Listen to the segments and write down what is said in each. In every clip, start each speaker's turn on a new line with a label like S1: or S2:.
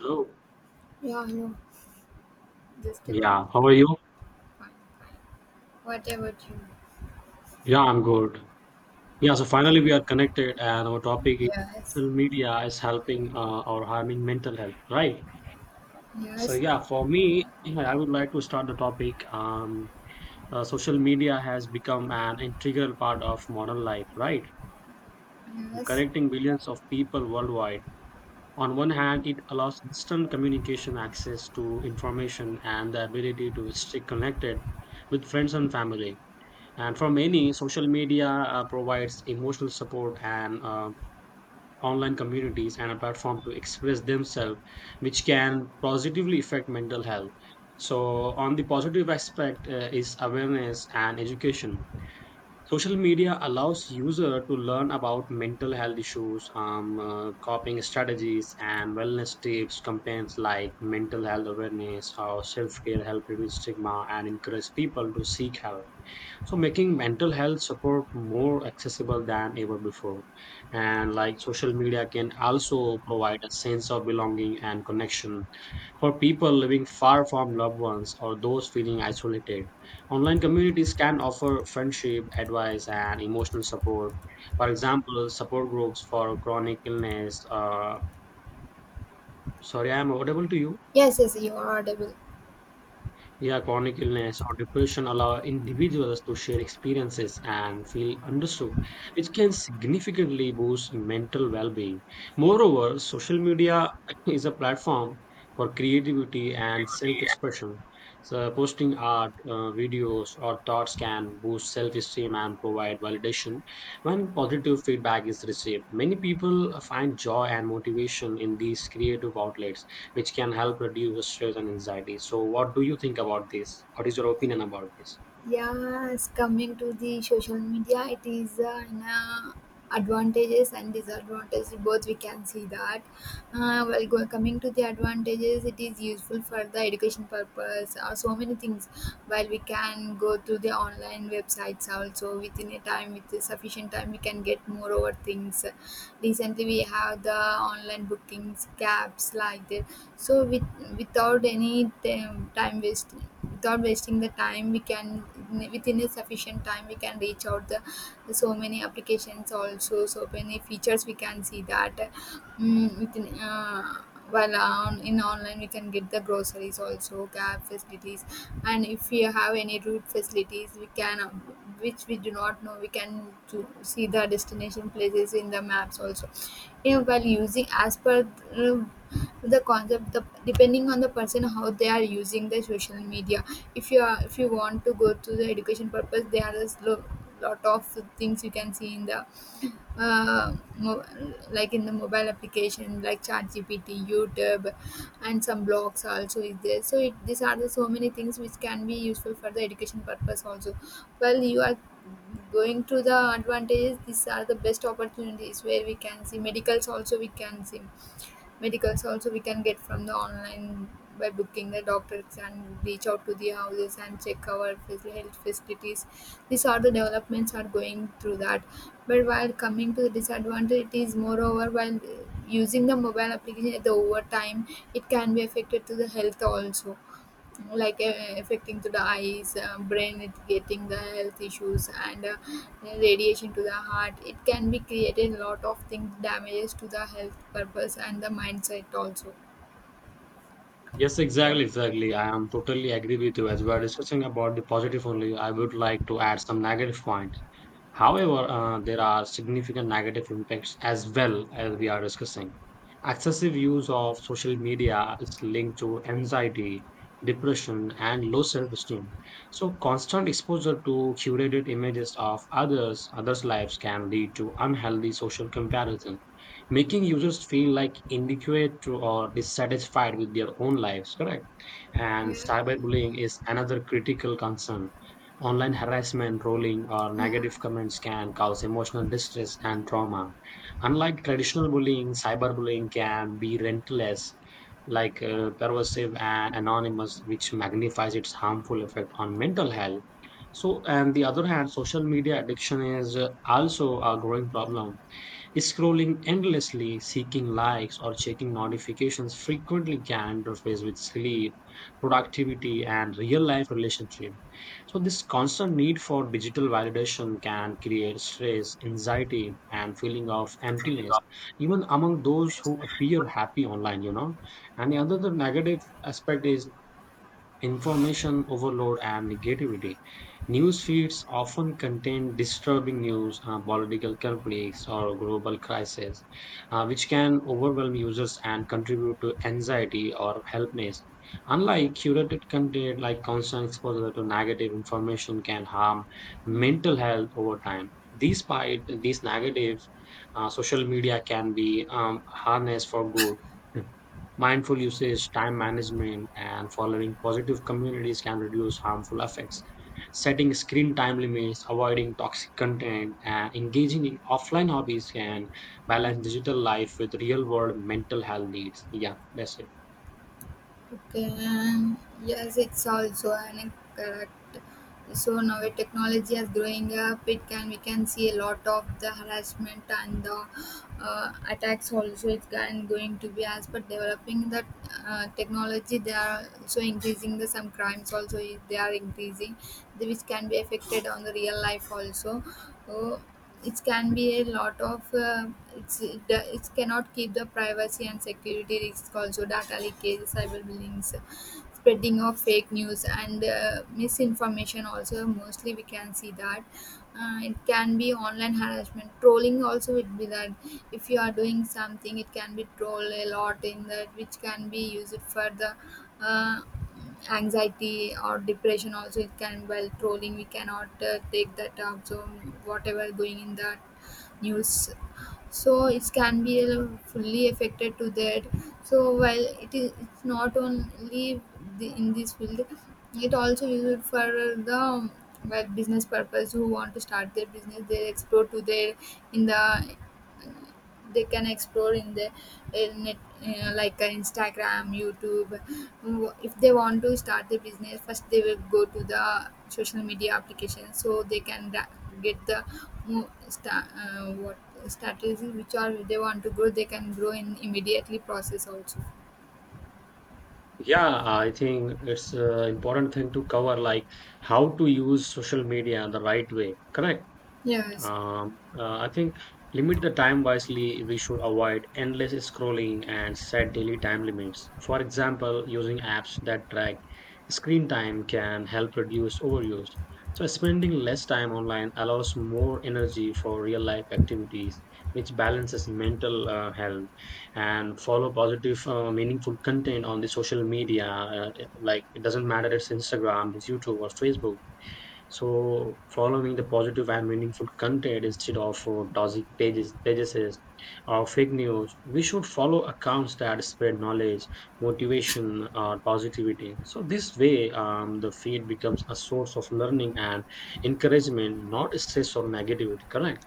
S1: Oh,
S2: Yeah, you just give up.
S1: yeah. How are you?
S2: Fine. Whatever you
S1: Yeah, I'm good. Yeah, so finally
S2: can.
S1: we are connected, and our topic is
S2: Yes.
S1: social media is helping or harming mental health, right? So
S2: Yes.
S1: yeah, for me, yeah, I would like to start the topic. Social media has become an integral part of modern life, right?
S2: Yes.
S1: Connecting billions of people worldwide. On one hand, it allows instant communication access to information and the ability to stay connected with friends and family. And for many, social media provides emotional support and online communities and a platform to express themselves, which can positively affect mental health. So, on the positive aspect is awareness and education. Social media allows user to learn about mental health issues, coping strategies, and wellness tips. Campaigns like mental health awareness or self care help reduce stigma and encourage people to seek help, so making mental health support more accessible than ever before. And like social media can also provide a sense of belonging and connection for people living far from loved ones or those feeling isolated. Online communities can offer friendship advice and emotional support, for example support groups for chronic illness. Sorry, I am audible to you?
S2: Yes, yes, you are audible.
S1: Yeah, chronic illness or depression allow individuals to share experiences and feel understood, which can significantly boost mental well being. Moreover, social media is a platform for creativity and self expression. So, posting art, videos, or thoughts can boost self esteem and provide validation when positive feedback is received. Many people find joy and motivation in these creative outlets, which can help reduce stress and anxiety. So, what do you think about this? What is your opinion about this?
S2: Yes, coming to the social media, it is advantages and disadvantages both. We can see that. Coming to the advantages, it is useful for the education purpose, or so many things. While we can go to the online websites also within a time, with the sufficient time, we can get more over things. Recently, we have the online bookings, cabs like that, so with without any time, time wasting without wasting the time we can within a sufficient time we can reach out the so many applications also, so many features we can see that, mm, within while on in online we can get the groceries also, cab facilities, and if we have any route facilities we can, which we do not know, we can to see the destination places in the maps also, you know, while using as per uh, the concept, depending on the person how they are using the social media. If you are if you want to go to the education purpose there are lot of things you can see in the uh, mo- like in the mobile application like ChatGPT, YouTube, and some blogs also is there, so these are the so many things which can be useful for the education purpose also. Well, you are going to the advantages, these are the best opportunities where we can see medicals also, we can see medicals also we can get from the online by booking the doctors and reach out to the houses and check our health facilities. These are the developments are going through that. But while coming to the disadvantage, it is moreover while using the mobile application at the overtime, it can be affected to the health also, like affecting to the eyes, brain, it getting the health issues, and radiation to the heart, it can be created a lot of things, damages to the health purpose and the mindset also.
S1: Yes,
S2: What.
S1: exactly, exactly. I am totally agree with you. As we are discussing about the positive only, I would like to add some negative point.
S2: Okay.
S1: However, there are significant negative impacts as well as we are discussing. Excessive use of social media is linked to anxiety, depression, and low self esteem. So, constant exposure to curated images of others, others' lives can lead to unhealthy social comparison, making users feel like inadequate to or dissatisfied with their own lives, correct? And
S2: Yeah.
S1: cyberbullying is another critical concern. Online harassment, trolling, or
S2: Yeah.
S1: negative comments can cause emotional distress and trauma. Unlike traditional bullying, cyberbullying can be relentless, like pervasive and anonymous, which magnifies its harmful effect on mental health. So, on the other hand, social media addiction is also a growing problem. Scrolling endlessly, seeking likes, or checking notifications frequently can interfere with sleep, productivity, and real life relationship. So, this constant need for digital validation can create stress, anxiety, and feeling of
S2: Feeling
S1: emptiness,
S2: up.
S1: even among those who appear happy online. And the other the negative aspect is information overload and negativity. News feeds often contain disturbing news, political conflicts, or global crises, which can overwhelm users and contribute to anxiety or helplessness. Unlike curated content, like constant exposure to negative information can harm mental health over time. Despite these negatives, social media can be harnessed for good. Mindful usage, time management, and following positive communities can reduce harmful effects. Setting screen time limits, avoiding toxic content, and engaging in offline hobbies can balance digital life with real world mental health needs. Yeah, that's it.
S2: Okay, and yes, it's also an incorrect. So now with technology is growing up, it can we can see a lot of the harassment and the attacks also. It's can going to be as per developing that technology, they are also increasing the some crimes also. They are increasing, which can be affected on the real life also. So it can be a lot of it cannot keep the privacy and security risks also, data leakage, cyberbullying, spreading of fake news and misinformation also, mostly we can see that. It can be online harassment, trolling also, it be that if you are doing something it can be troll a lot in that, which can be used for the uh, anxiety or depression also. It can, well, trolling we cannot take that up, so whatever going in the news, so it can be fully affected to that. So while it is, it's not only in this field, it also used for the, well, business purpose. Who want to start their business they explore to their in the, they can explore in the net, like Instagram, YouTube. If they want to start the business, first they will go to the social media application, so they can get the mo- sta- what strategy which are they want to grow, they can grow in immediately process also.
S1: Yeah, I think it's an important thing to cover, like how to use social media the right way. Correct.
S2: Yes.
S1: I think limit the time wisely. We should avoid endless scrolling and set daily time limits. For example, using apps that track screen time can help reduce overuse. So, spending less time online allows more energy for real life activities, which balances mental health. And follow positive, meaningful content on the social media. Like, it doesn't matter it's Instagram, it's YouTube, or Facebook, so following the positive and meaningful content instead of toxic pages, or fake news, we should follow accounts that spread knowledge, motivation, or positivity. So this way, the feed becomes a source of learning and encouragement, not stress or negativity. Correct?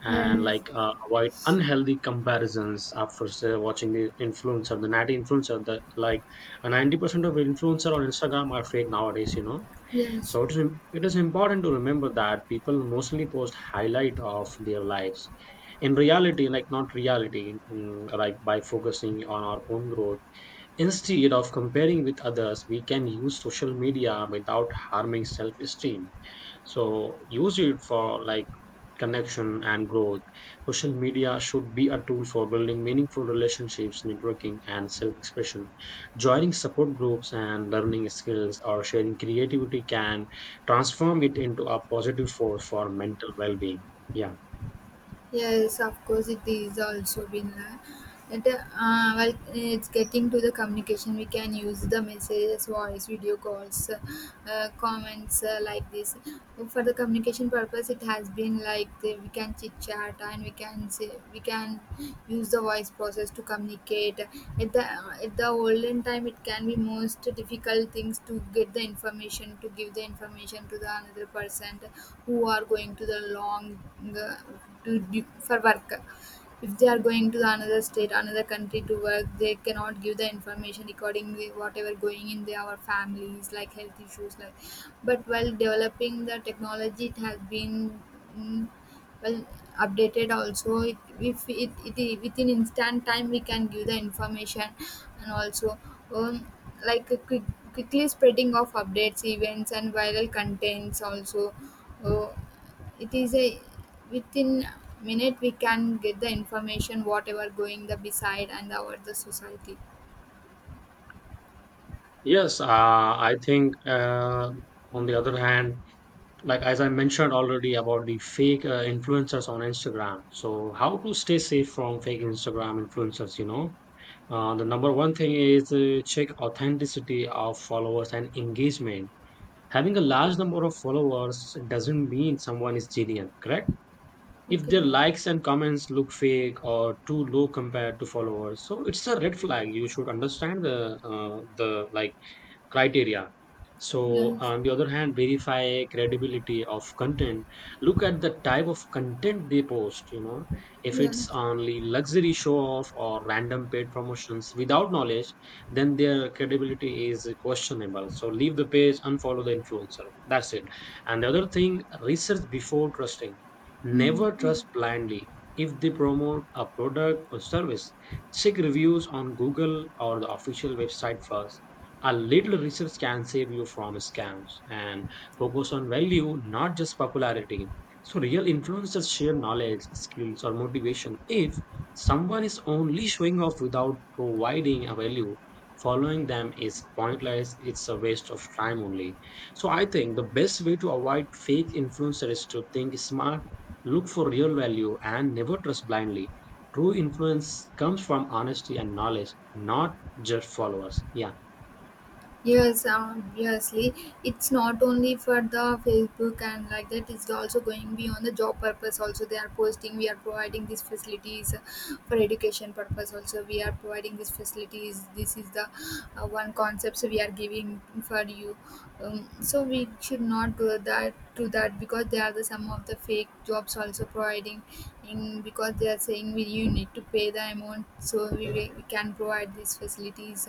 S1: And
S2: Yes.
S1: like avoid unhealthy comparisons after say, watching the influencer, the natty influencer, the like 90% of influencer on Instagram are fake nowadays. You know,
S2: Yes.
S1: so it is, it is important to remember that people mostly post highlight of their lives. In reality, like not reality, mm, like by focusing on our own growth, instead of comparing with others, we can use social media without harming self-esteem. So use it for like connection and growth. Social media should be a tool for building meaningful relationships, networking, and self expression. Joining support groups and learning skills or sharing creativity can transform it into a positive force for mental well being. Yeah.
S2: Yes, of course, it is also been like that. Well, it's getting to the communication. We can use the messages, voice, video calls, comments, like this. For the communication purpose, it has been like we can chit chat, and we can say, we can use the voice process to communicate. At the olden time, it can be most difficult things to get the information, to give the information to the another person who are going to the long uh, to do, for work. If they are going to the another state, another country to work, they cannot give the information regarding whatever going in their families, like health issues like. But while developing the technology, it has been, mm, well, updated also. It, if it, it it within instant time we can give the information, and also, um, like quickly spreading of updates, events, and viral contents also. Oh, it is a within minute we can get the information whatever going the beside and our the society.
S1: Yes, I think on the other hand, like as I mentioned already about the fake influencers on Instagram. So how to stay safe from fake Instagram influencers, you know? The number one thing is check authenticity of followers and engagement. Having a
S2: Okay.
S1: large number of followers doesn't mean someone is genuine, correct? If
S2: Okay.
S1: their likes and comments look fake or too low compared to followers, so it's a red flag. You should understand the like criteria. So,
S2: Yes.
S1: on the other hand, verify credibility of content. Look at the type of content they post. You know, if it's
S2: Yes.
S1: only luxury show off or random paid promotions without knowledge, then their credibility is questionable. So, leave the page, unfollow the influencer. That's it. And the other thing, research before trusting.
S2: Mm,
S1: Never
S2: yes.
S1: trust blindly. If they promote a product or service, check reviews on Google or the official website first. A little research can save you from scams, and focus on value, not just popularity. So, real influencers share knowledge, skills, or motivation. If someone is only showing off without providing a value, following them is pointless. It's a waste of time only. So, I think the best way to avoid fake influencers is to think smart, look for real value, and never trust blindly. True influence comes from honesty and knowledge, not just followers. Yeah.
S2: Yes, obviously, it's not only for the Facebook and like that. It's also going beyond the job purpose. Also, they are posting. We are providing these facilities for education purpose. Also, we are providing these facilities. This is the one concepts we are giving for you. So we should not do that to that, because they are the some of the fake jobs also providing in, because they are saying we you need to pay the amount, so we can provide these facilities,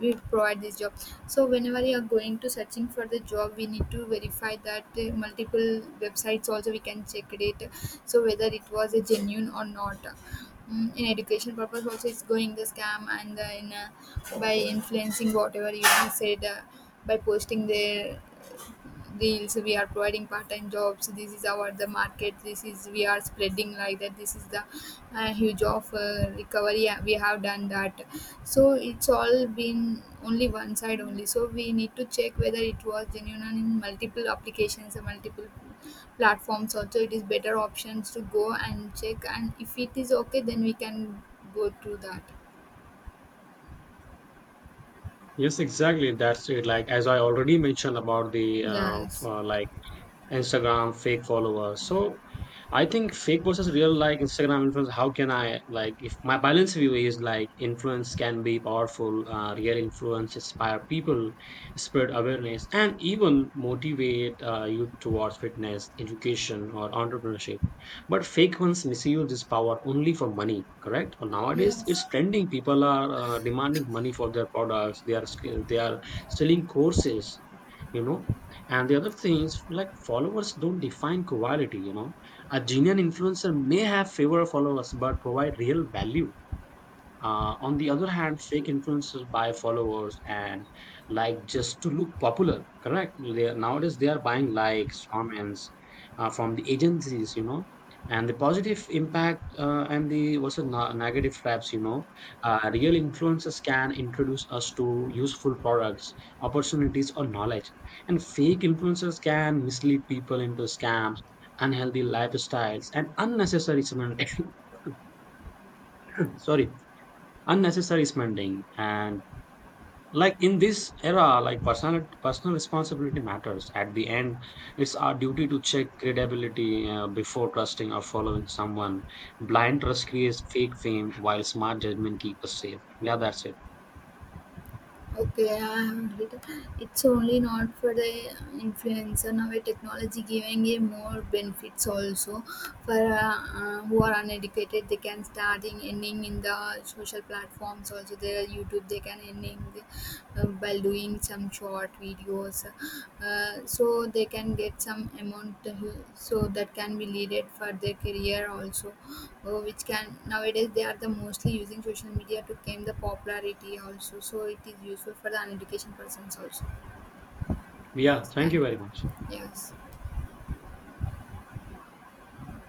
S2: we provide this job. So whenever you are going to searching for the job, we need to verify that, multiple websites also we can check it, so whether it was a genuine or not. Mm, in education purpose also it's going the scam, and in by influencing whatever you have said, by posting there deals, we are providing part-time jobs, this is our the market, this is we are spreading like that, this is the huge of recovery we have done that. So it's all been only one side only, so we need to check whether it was genuine and in multiple applications or multiple platforms also, it is better options to go and check, and if it is okay then we can go through that.
S1: Yes, exactly. That's it. Like as I already mentioned about the
S2: Yes.
S1: like Instagram fake followers. So I think fake versus real like Instagram influence. How can I, like if my balance view is like, influence can be powerful, real influence inspire people, spread awareness, and even motivate you towards fitness, education, or entrepreneurship. But fake ones misuse this power only for money, correct? Or nowadays
S2: Yes.
S1: it's trending. People are demanding money for their products. They are selling courses, you know. And the other thing is, like, followers don't define quality, you know. A genuine influencer may have fewer followers but provide real value. On the other hand, fake influencers buy followers and like just to look popular, correct? Nowadays they are buying likes, comments from the agencies, you know. And the positive impact and the also negative traps, you know, real influencers can introduce us to useful products, opportunities, or knowledge. And fake influencers can mislead people into scams, unhealthy lifestyles, and unnecessary spending. Sorry, unnecessary spending and like in this era, like personal responsibility matters at the end. It's our duty to check credibility before trusting or following someone. Blind trust creates fake fame, while smart judgment keeps us safe. Yeah, that's it.
S2: Okay, I'm It's only not for the influencer now. A technology giving a more benefits also for who are uneducated. They can start in ending in the social platforms also. Their YouTube they can ending the, by doing some short videos, so they can get some amount. So that can be needed for their career also. Oh, which can nowadays they are the mostly using social media to gain the popularity also, so it is useful for the education persons also.
S1: Yeah,
S2: Yes,
S1: thank you
S2: thank
S1: very
S2: you.
S1: much.
S2: Yes.